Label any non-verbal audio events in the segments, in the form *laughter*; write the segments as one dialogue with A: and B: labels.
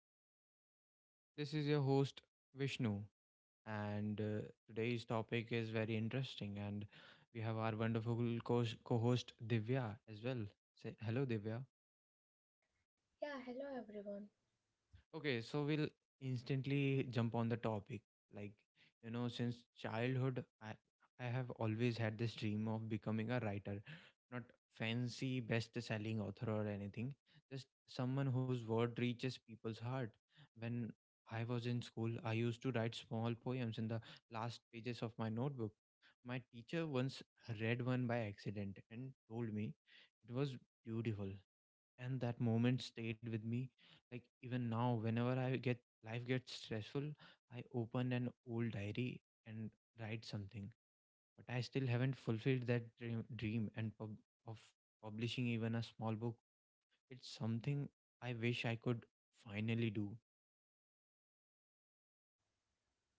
A: to the podcast. This is your host, Vishnu, and today's topic is very interesting. And we have our wonderful co host, Divya, as well. Say hello, Divya.
B: Yeah, hello everyone.
A: Okay, so we'll instantly jump on the topic. Like, you know, since childhood, I have always had this dream of becoming a writer, not fancy best selling author or anything, just someone whose word reaches people's heart. When I was in school, I used to write small poems in the last pages of my notebook. My teacher once read one by accident and told me it was beautiful and that moment stayed with me like even now, whenever I get life gets stressful, I open an old diary and write something. But I still haven't fulfilled that dream of publishing even a small book. It's something I wish I could finally do.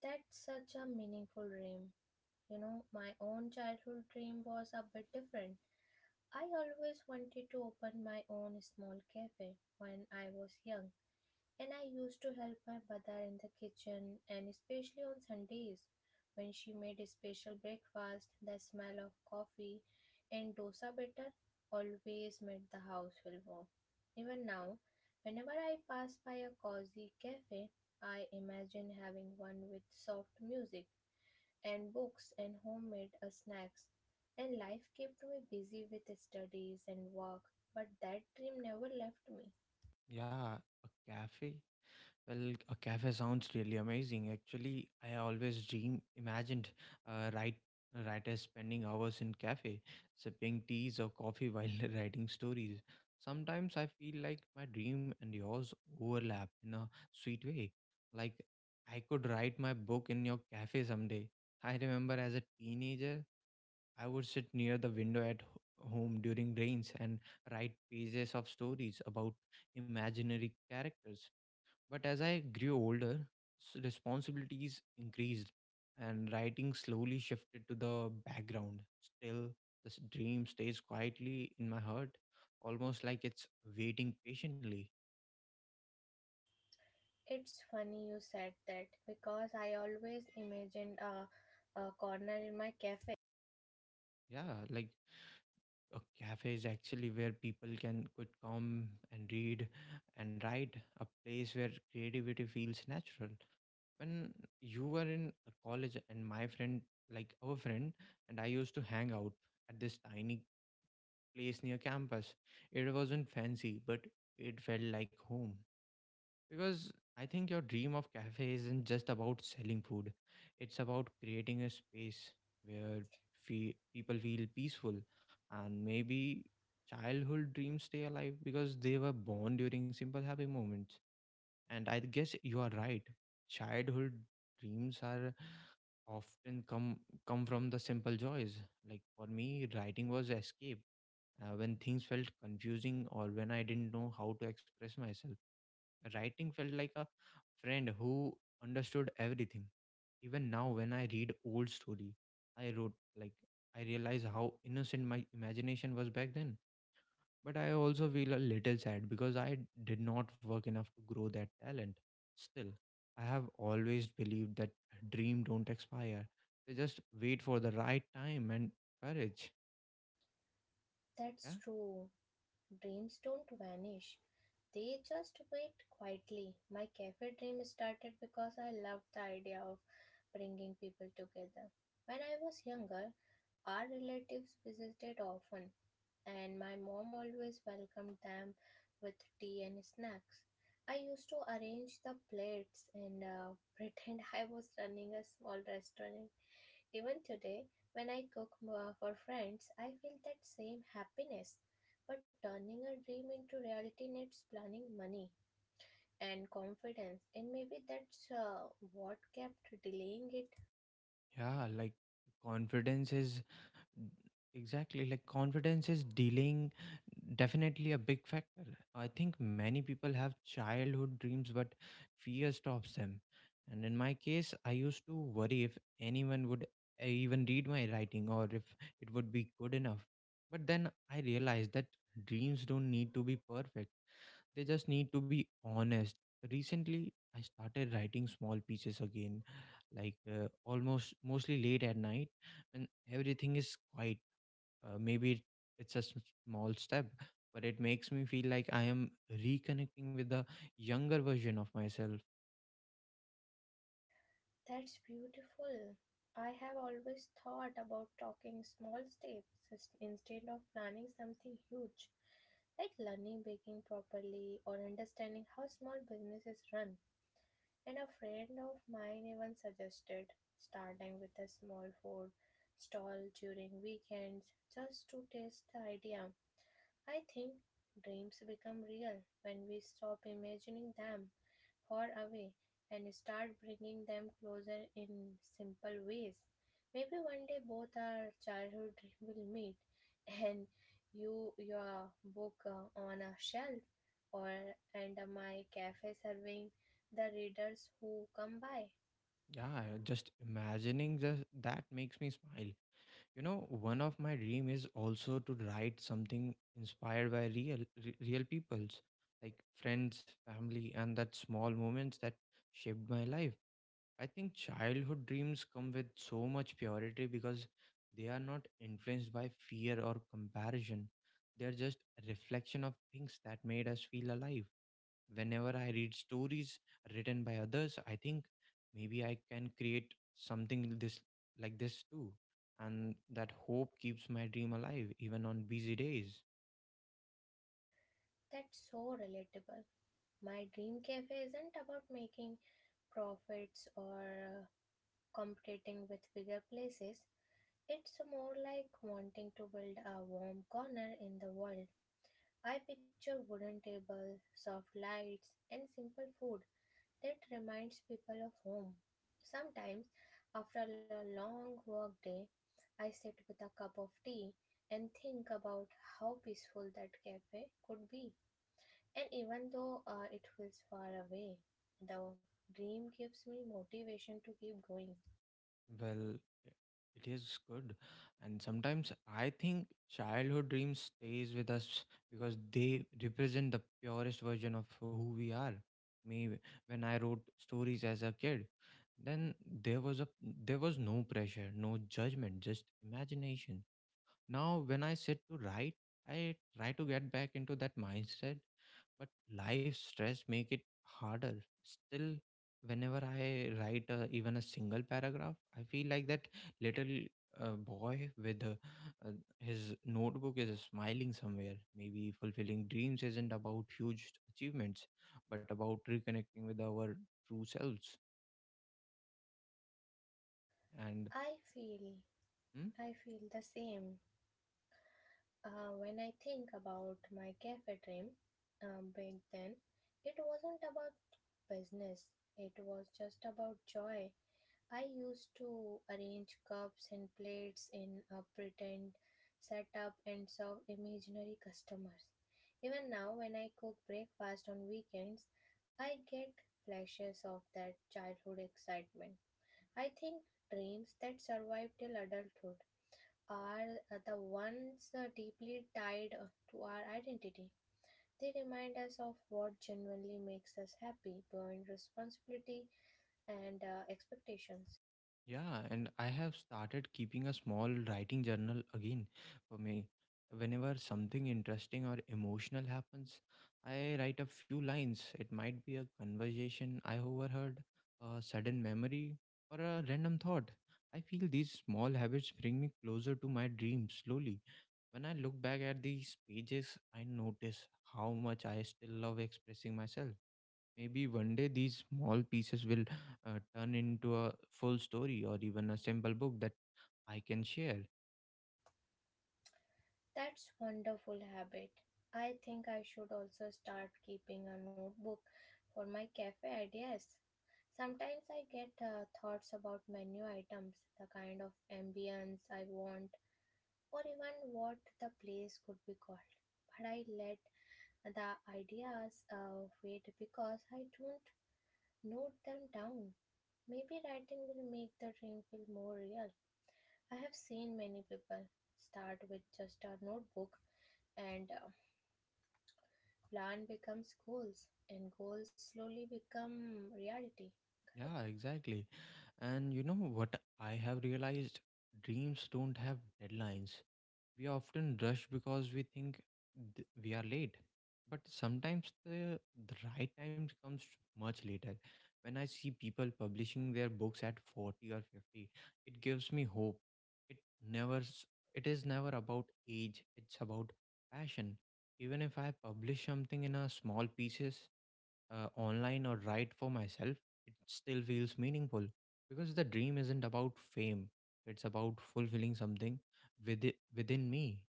B: That's such a meaningful dream. You know, my own childhood dream was a bit different. I always wanted to open my own small cafe when I was young. And I used to help my mother in the kitchen and especially on Sundays when she made a special breakfast, the smell of coffee and dosa batter always made the house feel warm. Even now, whenever I pass by a cozy cafe, I imagine having one with soft music and books and homemade snacks. And life kept me busy with studies and work, but that dream never left me.
A: Yeah, a cafe well, a cafe sounds really amazing. Actually, I always dream imagined uh, write, writers spending hours in cafe, sipping teas or coffee while *laughs* writing stories. Sometimes I feel like my dream and yours overlap in a sweet way. Like I could write my book in your cafe someday. I remember as a teenager, I would sit near the window at home during rains and write pages of stories about imaginary characters, but as I grew older, responsibilities increased and writing slowly shifted to the background. Still, this dream stays quietly in my heart, almost like it's waiting patiently.
B: It's funny you said that because I always imagined a corner in my cafe.
A: Yeah, like a cafe is actually where people can could come and read and write, a place where creativity feels natural. When you were in a college and my friend like our friend and I used to hang out at this tiny place near campus. It wasn't fancy, but it felt like home. Because I think your dream of cafe isn't just about selling food. It's about creating a space where people feel peaceful and maybe childhood dreams stay alive because they were born during simple happy moments and I guess you are right. Childhood dreams are often come come from the simple joys. Like for me, writing was escape. When things felt confusing or when I didn't know how to express myself, writing felt like a friend who understood everything. Even now, when I read old story, I wrote like I realize how innocent my imagination was back then. But I also feel a little sad because I did not work enough to grow that talent. Still, I have always believed that dream don't expire. They just wait for the right time and courage. Yeah.
B: That's true. Dreams don't vanish, they just wait quietly. My cafe dream started because I loved the idea of bringing people together. When I was younger, our relatives visited often, and my mom always welcomed them with tea and snacks. I used to arrange the plates and *laughs* pretend I was running a small restaurant. Even today, when I cook for friends, I feel that same happiness. But turning a dream into reality needs planning, money, and confidence, and maybe that's what kept delaying it.
A: Yeah, like confidence is Exactly. Like confidence is dealing definitely a big factor. I think many people have childhood dreams, but fear stops them. And in my case, I used to worry if anyone would even read my writing or if it would be good enough. But then I realized that dreams don't need to be perfect, they just need to be honest. Recently, I started writing small pieces again, like almost mostly late at night when everything is quiet. uh, maybe it- it's a small step, but it makes me feel like I am reconnecting with the younger version of myself.
B: That's beautiful. I have always thought about talking small steps is- instead of planning something huge, like learning baking properly or understanding how small businesses run. And a friend of mine even suggested starting with a small food stall during weekends just to test the idea. I think dreams become real when we stop imagining them far away and start bringing them closer in simple ways. Maybe one day both our childhood dream will meet and you your book on a shelf or and my cafe serving the readers who come by.
A: Yeah, just that makes me smile. You know, one of my dream is also to write something inspired by real people's like friends, family, and that small moments that shaped my life. I think childhood dreams come with so much purity because they are not influenced by fear or comparison. They are just a reflection of things that made us feel alive. Whenever I read stories written by others, I think maybe I can create something this like this too. And that hope keeps my dream alive even on busy days.
B: That's so relatable. My dream cafe isn't about making profits or uh, competing with bigger places. It's more like wanting to build a warm corner in the world. I picture wooden tables, soft lights, and simple food that reminds people of home. Sometimes, after a long work day, I sit with a cup of tea and think about how peaceful that cafe could be. And even though it feels far away, the dream gives me motivation to keep going.
A: Well, i- it is good. And sometimes I think childhood dreams stays with us because they represent the purest version of who we are. Me when I wrote stories as a kid, then there was no pressure, no judgment, just imagination. Now, when I sit to write, I try to get back into that mindset, but life stress make it harder. Still, whenever I write even a single paragraph, I feel like that little boy with uh, his notebook is smiling somewhere. Maybe fulfilling dreams isn't about huge achievements, but about reconnecting with our true selves. And
B: I feel
A: hmm?
B: I feel the same. When I think about my cafe dream, back then, it wasn't about business, it was just about joy. I used to arrange cups and plates in a pretend setup and serve imaginary customers. Even now, when I cook breakfast on weekends, I get flashes of that childhood excitement. I think dreams that survive till adulthood are the ones deeply tied to our identity. They remind us of what genuinely makes us happy beyond responsibility and expectations.
A: Yeah, and I have started keeping a small writing journal again for me. Whenever something interesting or emotional happens, I write a few lines. It might be a conversation I overheard, a sudden memory, or a random thought. I feel these small habits bring me closer to my dreams slowly. When I look back at these pages, I notice how much I still love expressing myself. Maybe one day these small pieces will turn into a full story or even a simple book that I can share.
B: That's wonderful habit. I think I should also start keeping a notebook for my cafe ideas. Sometimes I get thoughts about menu items, the kind of ambience I want, or even what the place could be called. But I let the ideas wait because I don't note them down. Maybe writing will make the dream feel more real. I have seen many people start with just a notebook and plan becomes goals and goals slowly become reality. Correct?
A: Yeah, exactly. And you know what I have realized? Dreams don't have deadlines. We often rush because we think we are late. But sometimes the right time comes much later. When I see people publishing their books at 40 or 50, it gives me hope. It never s- it is never about age, it's about passion. Even if I publish something in a small pieces, online or write for myself, it still feels meaningful because the dream isn't about fame. It's about fulfilling something within me.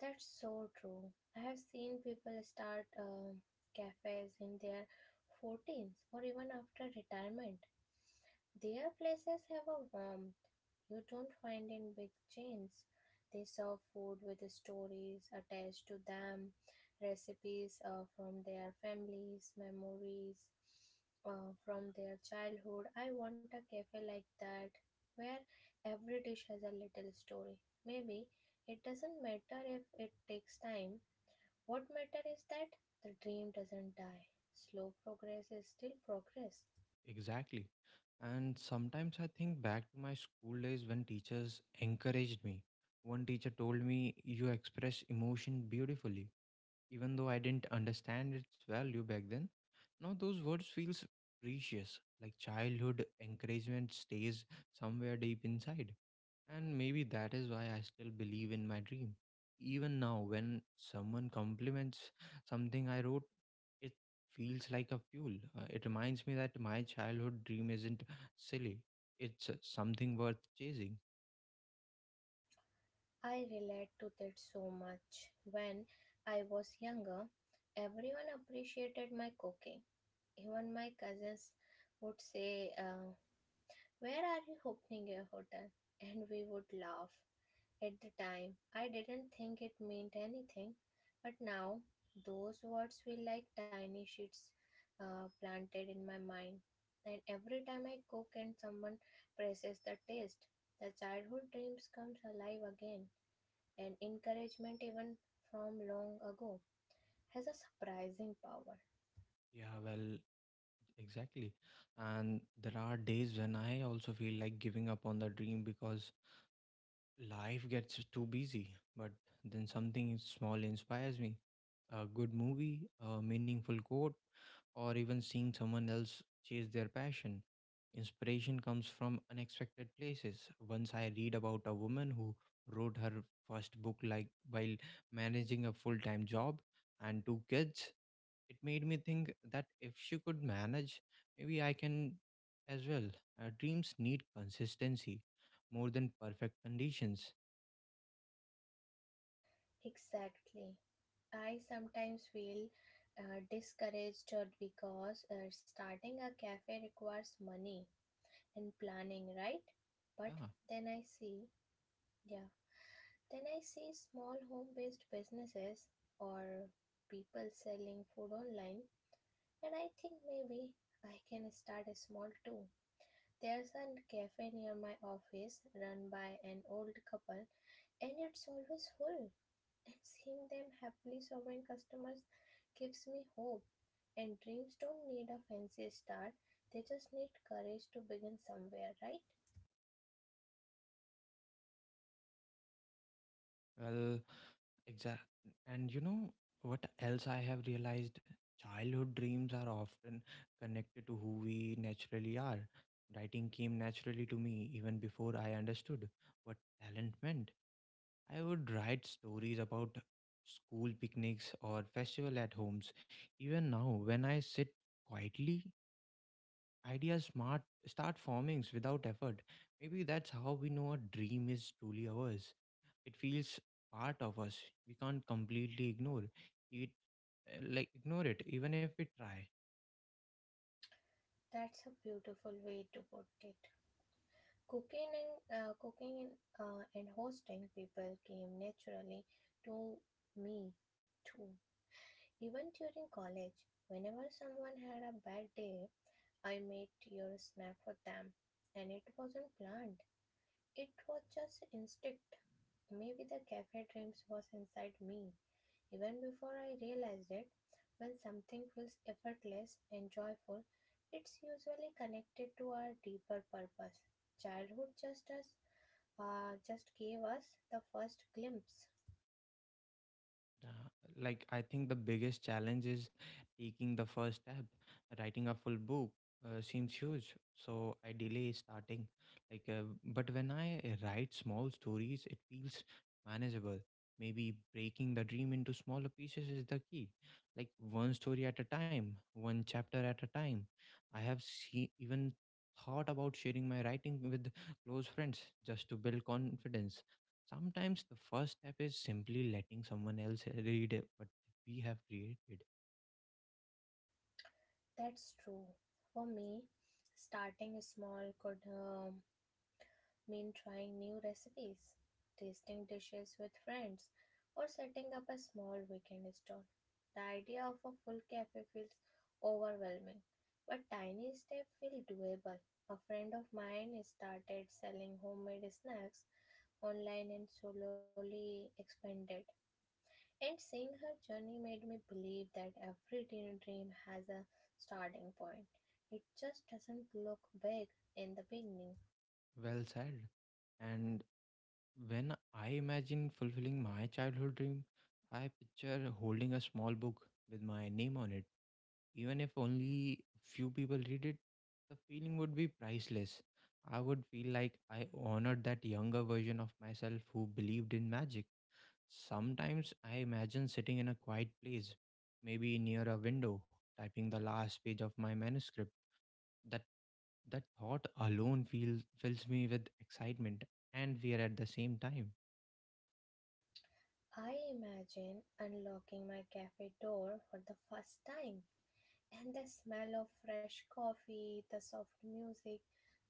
B: That's so true. I have seen people start cafes in their 14s or even after retirement. Their places have a warmth you don't find in big chains. They serve food with stories attached to them, recipes from their families, memories from their childhood. I want a cafe like that where every dish has a little story. Maybe it doesn't matter if it takes time. What matters is that the dream doesn't die. Slow progress is still progress.
A: Exactly. And sometimes I think back to my school days when teachers encouraged me. One teacher told me, "You express emotion beautifully." Even though I didn't understand its value back then, now those words feels precious. Like childhood encouragement stays somewhere deep inside. And maybe that is why I still believe in my dream. Even now, when someone compliments something I wrote, it feels like a fuel. It reminds me that my childhood dream isn't silly, it's something worth chasing.
B: I relate to that so much. When I was younger, everyone appreciated my cooking. Even my cousins would say, where are you opening your hotel? And we would laugh. At the time, I didn't think it meant anything, but now those words feel like tiny seeds planted in my mind. And every time I cook and someone praises the taste, the childhood dreams comes alive again. And encouragement, even from long ago, has a surprising power.
A: Yeah, well, exactly. And there are days when I also feel like giving up on the dream because life gets too busy. But then something small inspires me, a good movie, a meaningful quote or even seeing someone else chase their passion. Inspiration comes from unexpected places. Once I read about a woman who wrote her first book like while managing a full-time job and two kids. It made me think that if she could manage, maybe I can as well. Our dreams need consistency more than perfect conditions.
B: Exactly. I sometimes feel discouraged because starting a cafe requires money and planning, right? But
A: Yeah.
B: then I see, yeah, then I see small home based businesses or people selling food online, and I think maybe I can start a small too. There's a cafe near my office run by an old couple, and it's always full. And seeing them happily serving customers gives me hope. And dreams don't need a fancy start, they just need courage to begin somewhere, right?
A: Well, Exactly. And you know what else I have realized? Childhood dreams are often connected to who we naturally are. Writing came naturally to me even before I understood what talent meant. I would write stories about school picnics or festival at homes. Even now, when I sit quietly, ideas smart start forming without effort. Maybe that's how we know a dream is truly ours, it feels part of us, we can't completely it ignore it even if we try.
B: That's a beautiful way to put it. Cooking cooking and hosting people came naturally to me too. Even during college, whenever someone had a bad day, I made your snack for them, and it wasn't planned. It was just instinct. Maybe the cafe dreams was inside me, even before I realized it. When something feels effortless and joyful, it's usually connected to our deeper purpose. Childhood just us, just gave us the first glimpse.
A: Yeah, like I think the biggest challenge is taking the first step. Writing a full book seems huge, so I delay starting. But when I write small stories, it feels manageable. Maybe breaking the dream into smaller pieces is the key. Like one story at a time, one chapter at a time. I have see even thought about sharing my writing with close friends just to build confidence. Sometimes the first step is simply letting someone else read it, what we have created.
B: That's true. For me, starting small could mean trying new recipes, tasting dishes with friends, or setting up a small weekend stall. The idea of a full cafe feels overwhelming, but tiny steps feel doable. A friend of mine started selling homemade snacks online and slowly expanded. And seeing her journey made me believe that every teen dream has a starting point. It just doesn't look big in the beginning.
A: Well said. And when I imagine fulfilling my childhood dream, I picture holding a small book with my name on it. Even if only few people read it, the feeling would be priceless. I would feel like I honored that younger version of myself who believed in magic. Sometimes I imagine sitting in a quiet place, maybe near a window, typing the last page of my manuscript. That that thought alone feels fills me with excitement and fear at the same time.
B: I imagine unlocking my cafe door for the first time and the smell of fresh coffee, the soft music,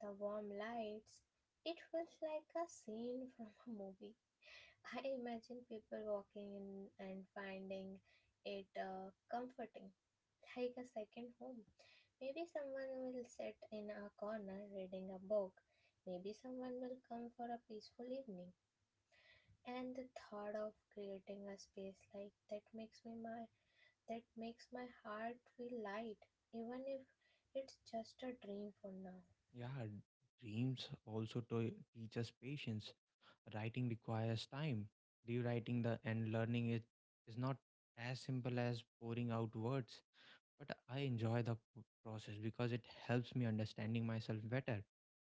B: the warm lights. It feels like a scene from a movie. I imagine people walking in and finding it comforting, like a second home. Maybe someone will sit in a corner reading a book. Maybe someone will come for a peaceful evening and the thought of creating a space like that makes me my that makes my heart feel light, even if it's just a dream for now.
A: Yeah, dreams also to teach us patience. Writing requires time. Rewriting the and learning it is not as simple as pouring out words, but I enjoy the process because it helps me understanding myself better.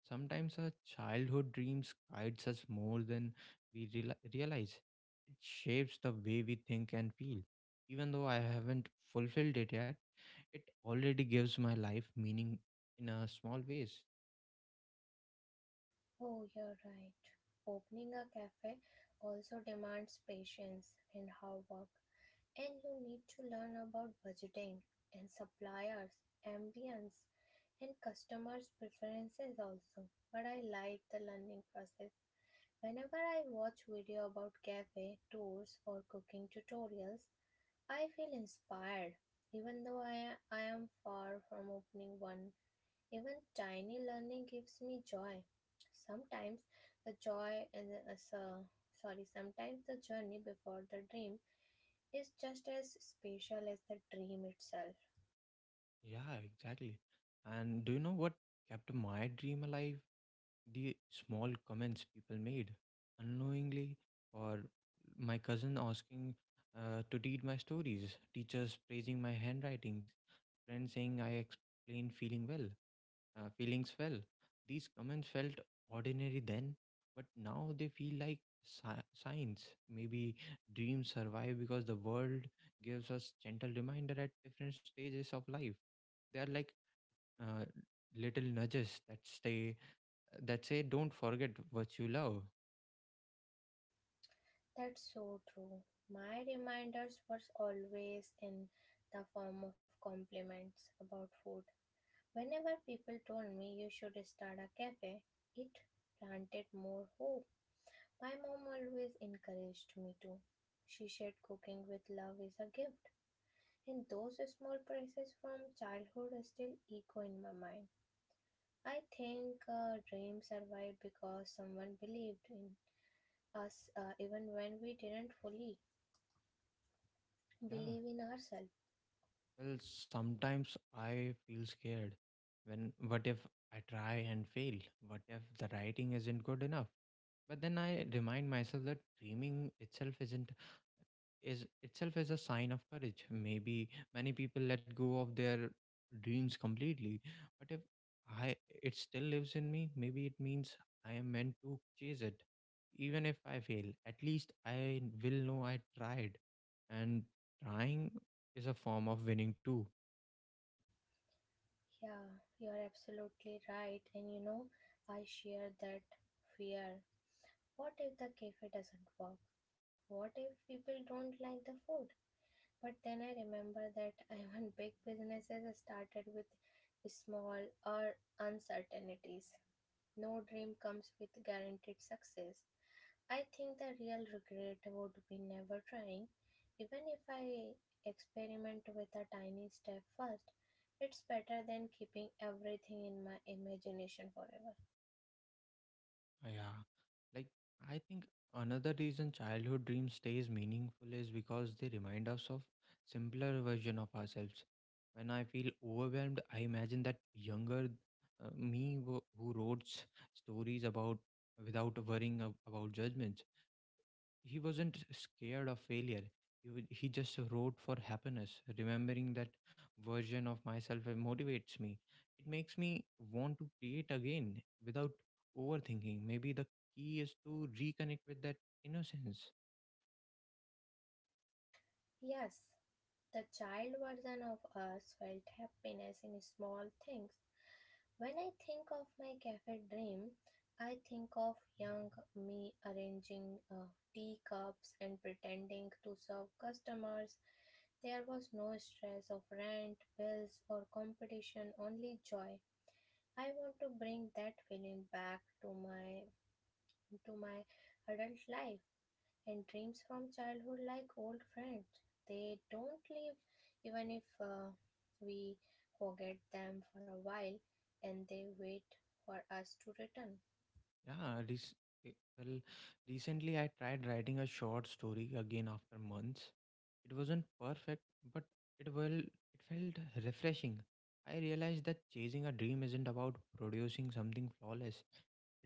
A: Sometimes our childhood dreams guides us more than we realize. It shapes the way we think and feel. Even though I haven't fulfilled it yet, it already gives my life meaning in a small ways.
B: Oh, you're right, opening a cafe also demands patience and hard work, and you need to learn about budgeting and suppliers, ambience, and customers preferences also, but I like the learning process. Whenever I watch video about cafe tours or cooking tutorials, I feel inspired. Even though I am far from opening one, even tiny learning gives me joy. Sometimes the joy is, so- sorry, sometimes the journey before the dream is just as special as the dream itself.
A: Yeah, exactly. And do you know what kept my dream alive? The small comments people made unknowingly, or my cousin asking to read my stories, teachers praising my handwriting, friend saying I explained feelings fell. These comments felt ordinary then, but now they feel like signs. Maybe dreams survive because the world gives us gentle reminder at different stages of life. They are like uh, little nudges that say, "Don't forget what you love."
B: That's so true. My reminders were always in the form of compliments about food. Whenever people told me you should start a cafe, it planted more hope. My mom always encouraged me to. She said cooking with love is a gift, and those small praises from childhood still echo in my mind. I think dreams survive because someone believed in us even when we didn't fully
A: Yeah.
B: believe in ourselves.
A: Well, sometimes I feel scared when what if I try and fail? What if the writing isn't good enough? But then I remind myself that dreaming itself isn't is itself is a sign of courage. Maybe many people let go of their dreams completely, but if I it still lives in me, maybe it means I am meant to chase it. Even if I fail, at least I will know I tried. And trying is a form of winning too.
B: Yeah, you're absolutely right, and you know, I share that fear. What if the cafe doesn't work? What if people don't like the food? But then I remember that *laughs* even big businesses started with small or uncertainties. No dream comes with guaranteed success. I think the real regret would be never trying. Even if I experiment with a tiny step first, it's better than keeping everything in my imagination forever.
A: Yeah. Like, I think another reason childhood dreams stays meaningful is because they remind us of simpler version of ourselves. When I feel overwhelmed, I imagine that younger who wrote stories about without worrying about judgment, he wasn't scared of failure, he, he just wrote for happiness. Remembering that version of myself, it motivates me, it makes me want to create again without overthinking. Maybe the key is to reconnect with that innocence.
B: Yes, the child version of us felt happiness in small things. When I think of my cafe dream, I think of young me arranging teacups and pretending to serve customers. There was no stress of rent, bills, or competition, only joy. I want to bring that feeling back to my adult life. And dreams from childhood, like old friends, they don't leave even if we forget them for a while, and they wait for us to return.
A: Yeah rec- eh, well recently I tried writing a short story again after months. It wasn't perfect, but it felt refreshing. I realized that chasing a dream isn't about producing something flawless.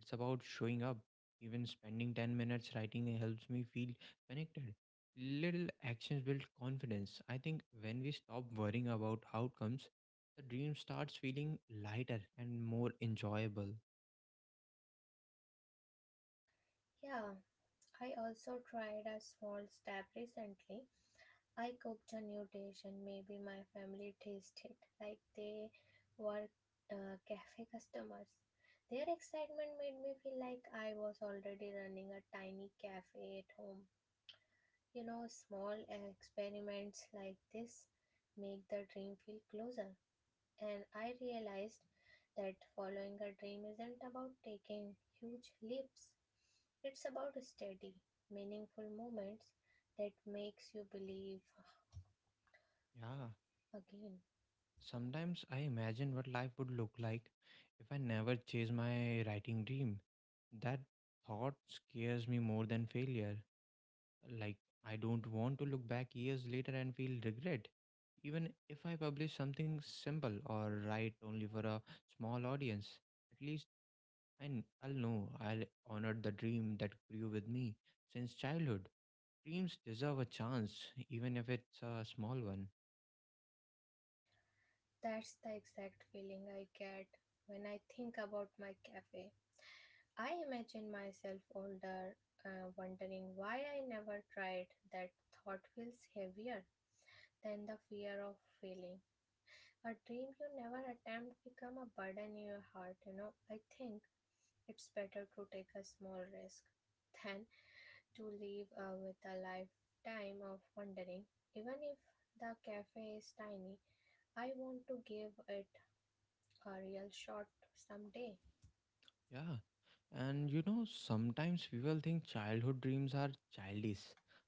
A: It's about showing up. Even spending 10 minutes writing helps me feel connected. Little actions build confidence. I think when we stop worrying about outcomes, the dream starts feeling lighter and more enjoyable.
B: Yeah, I also tried a small step recently. I cooked a new dish and maybe my family tasted like they were cafe customers. Their excitement made me feel like I was already running a tiny cafe at home. You know, small experiments like this make the dream feel closer. And I realized that following a dream isn't about taking huge leaps. It's about steady, meaningful moments that makes you believe
A: Yeah.
B: again.
A: Sometimes I imagine what life would look like if I never chase my writing dream. That thought scares me more than failure. Like, I don't want to look back years later and feel regret. Even if I publish something simple or write only for a small audience, at least I'll know I'll honored the dream that grew with me since childhood. Dreams deserve a chance, even if it's a small one.
B: That's the exact feeling I get when I think about my cafe. I imagine myself older, wondering why I never tried. That thought feels heavier than the fear of failing. A dream you never attempt become a burden in your heart, you know. I think it's better to take a small risk than to live with a lifetime of wondering. Even if the cafe is tiny, I want to give it a real shot someday.
A: Yeah. And you know, sometimes people think childhood dreams are childish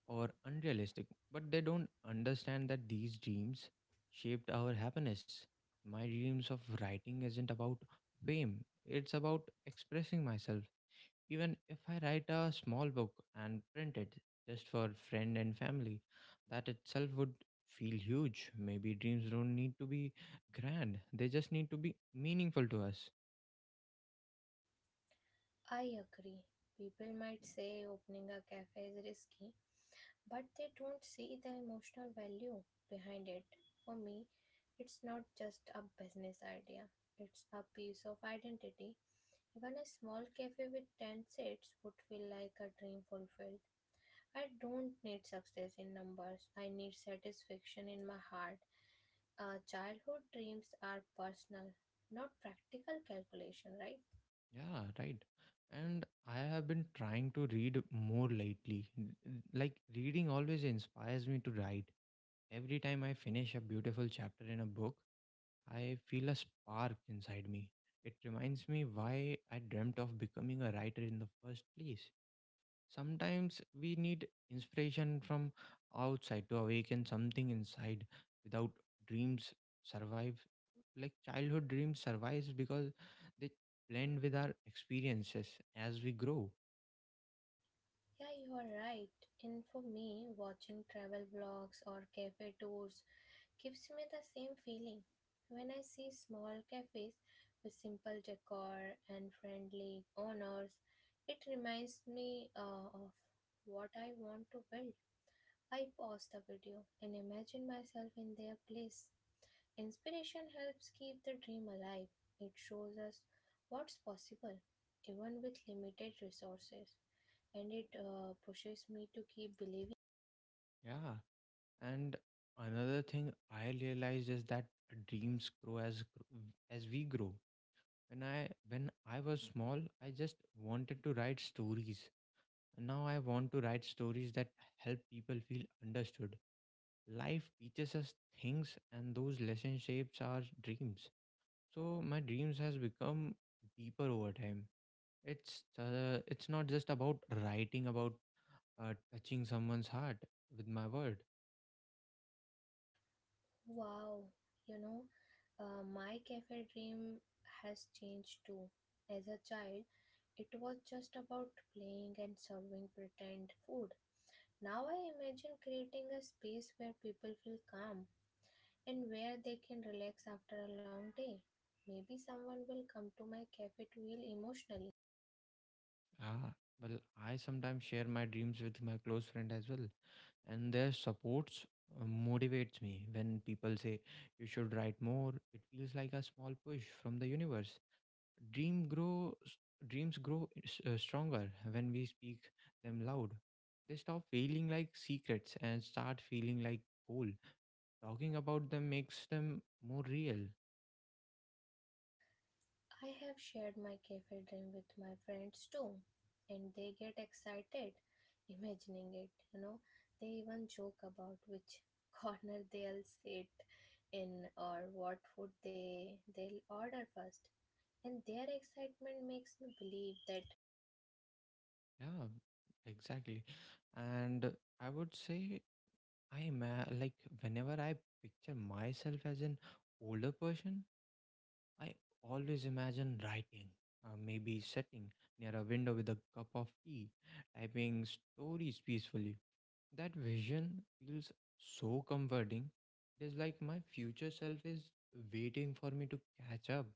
A: or unrealistic, but they don't understand that these dreams shaped our happiness. My dreams of writing isn't about fame, it's about expressing myself. Even if I write a small book and print it just for friend and family, that itself would feel huge. Maybe dreams don't need to be grand, they just need to be meaningful to us.
B: I agree. People might say opening a cafe is risky, but they don't see the emotional value behind it. For me, it's not just a business idea, it's a piece of identity. Even a small cafe with 10 seats would feel like a dream fulfilled. I don't need success in numbers, I need satisfaction in my heart. Childhood dreams are personal, not practical calculation, right?
A: Yeah, right. And I have been trying to read more lately. Like, reading always inspires me to write. Every time I finish a beautiful chapter in a book, I feel a spark inside me. It reminds me why I dreamt of becoming a writer in the first place. Sometimes we need inspiration from outside to awaken something inside. Without dreams, survive, like childhood dreams survives because they blend with our experiences as we grow.
B: Yeah, you are right. And for me, watching travel vlogs or cafe tours gives me the same feeling when I see small cafes with simple decor and friendly owners. It reminds me of what I want to build. I pause the video and imagine myself in their place. Inspiration helps keep the dream alive. It shows us what's possible, even with limited resources, and it pushes me to keep believing.
A: Yeah, and another thing I realized is that dreams grow as gr- as we grow. When I was small, I just wanted to write stories. And now I want to write stories that help people feel understood. Life teaches us things and those lessons shapes our dreams, so my dreams has become deeper over time. It's not just about writing, about touching someone's heart with my word.
B: Wow, you know, my cafe dream has changed too. As a child, it was just about playing and serving pretend food. Now I imagine creating a space where people feel calm and where they can relax after a long day. Maybe someone will come to my cafe to heal emotionally.
A: Ah, well, I sometimes share my dreams with my close friend as well, and their supports motivates me. When people say you should write more, it feels like a small push from the universe. dream grows Dreams grow stronger when we speak them loud. They stop feeling like secrets and start feeling like goal. Talking about them makes them more real.
B: I have shared my cafe dream with my friends too, and they get excited imagining it, you know. They even joke about which *laughs* corner they'll sit in or what food they'll order first. And their excitement makes me believe that.
A: Yeah, exactly. And I would say like whenever I picture myself as an older person, I always imagine writing, maybe sitting near a window with a cup of tea, typing stories peacefully. That vision feels so comforting. It is like my future self is waiting for me to catch up.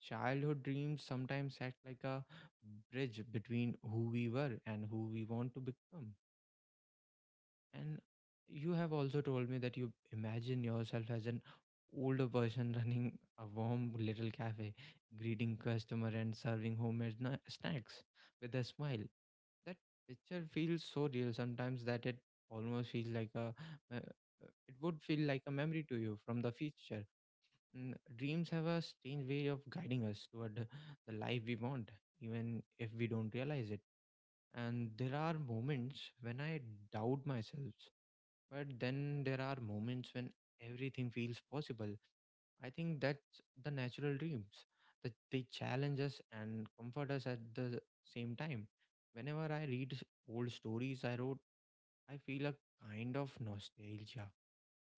A: Childhood dreams sometimes act like a bridge between who we were and who we want to become. And you have also told me that you imagine yourself as an older person *laughs* running a warm little cafe, greeting customer and serving homemade snacks with a smile. That picture feels so real sometimes that it almost feels like a uh, it would feel like a memory to you from the future. Mm, dreams have a strange way of guiding us toward the life we want, even if we don't realize it. And there are moments when I doubt myself, but then there are moments when everything feels possible. I think that's the natural dreams. That they challenge us and comfort us at the same time. Whenever I read old stories I wrote, I feel a kind of nostalgia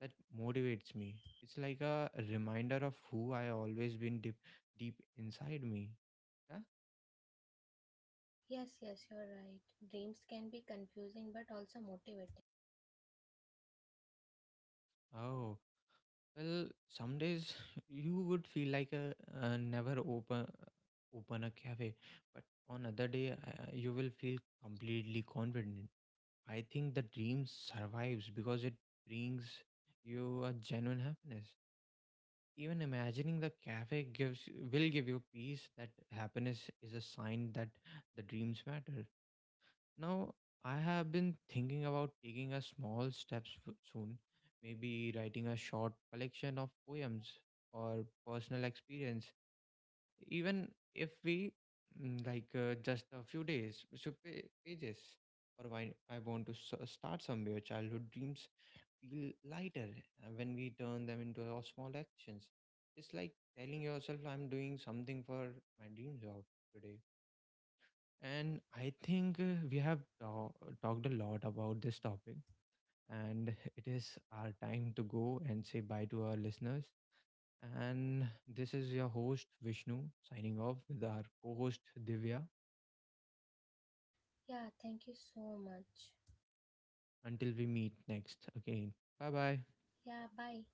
A: that motivates me. It's like a reminder of who I always been, deep, deep inside me. Yeah.
B: Yes, yes, you're right. Dreams can be confusing but also motivating.
A: Oh, well, some days *laughs* you would feel like never open a cafe, but on other day, you will feel completely confident. I think the dream survives because it brings you a genuine happiness. Even imagining the cafe gives will give you peace. That happiness is a sign that the dreams matter. Now, I have been thinking about taking a small steps soon, maybe writing a short collection of poems or personal experience, even if we just a few days, so pages. Or why I want to start somewhere. Childhood dreams feel lighter when we turn them into our small actions. It's like telling yourself, "I'm doing something for my dreams of today." And I think we have talked a lot about this topic, and *laughs* it is our time to go and say bye to our listeners. And this is your host, Vishnu, signing off with our co host, Divya.
B: Yeah, thank you so much.
A: Until we meet next again. Bye bye.
B: Yeah, bye.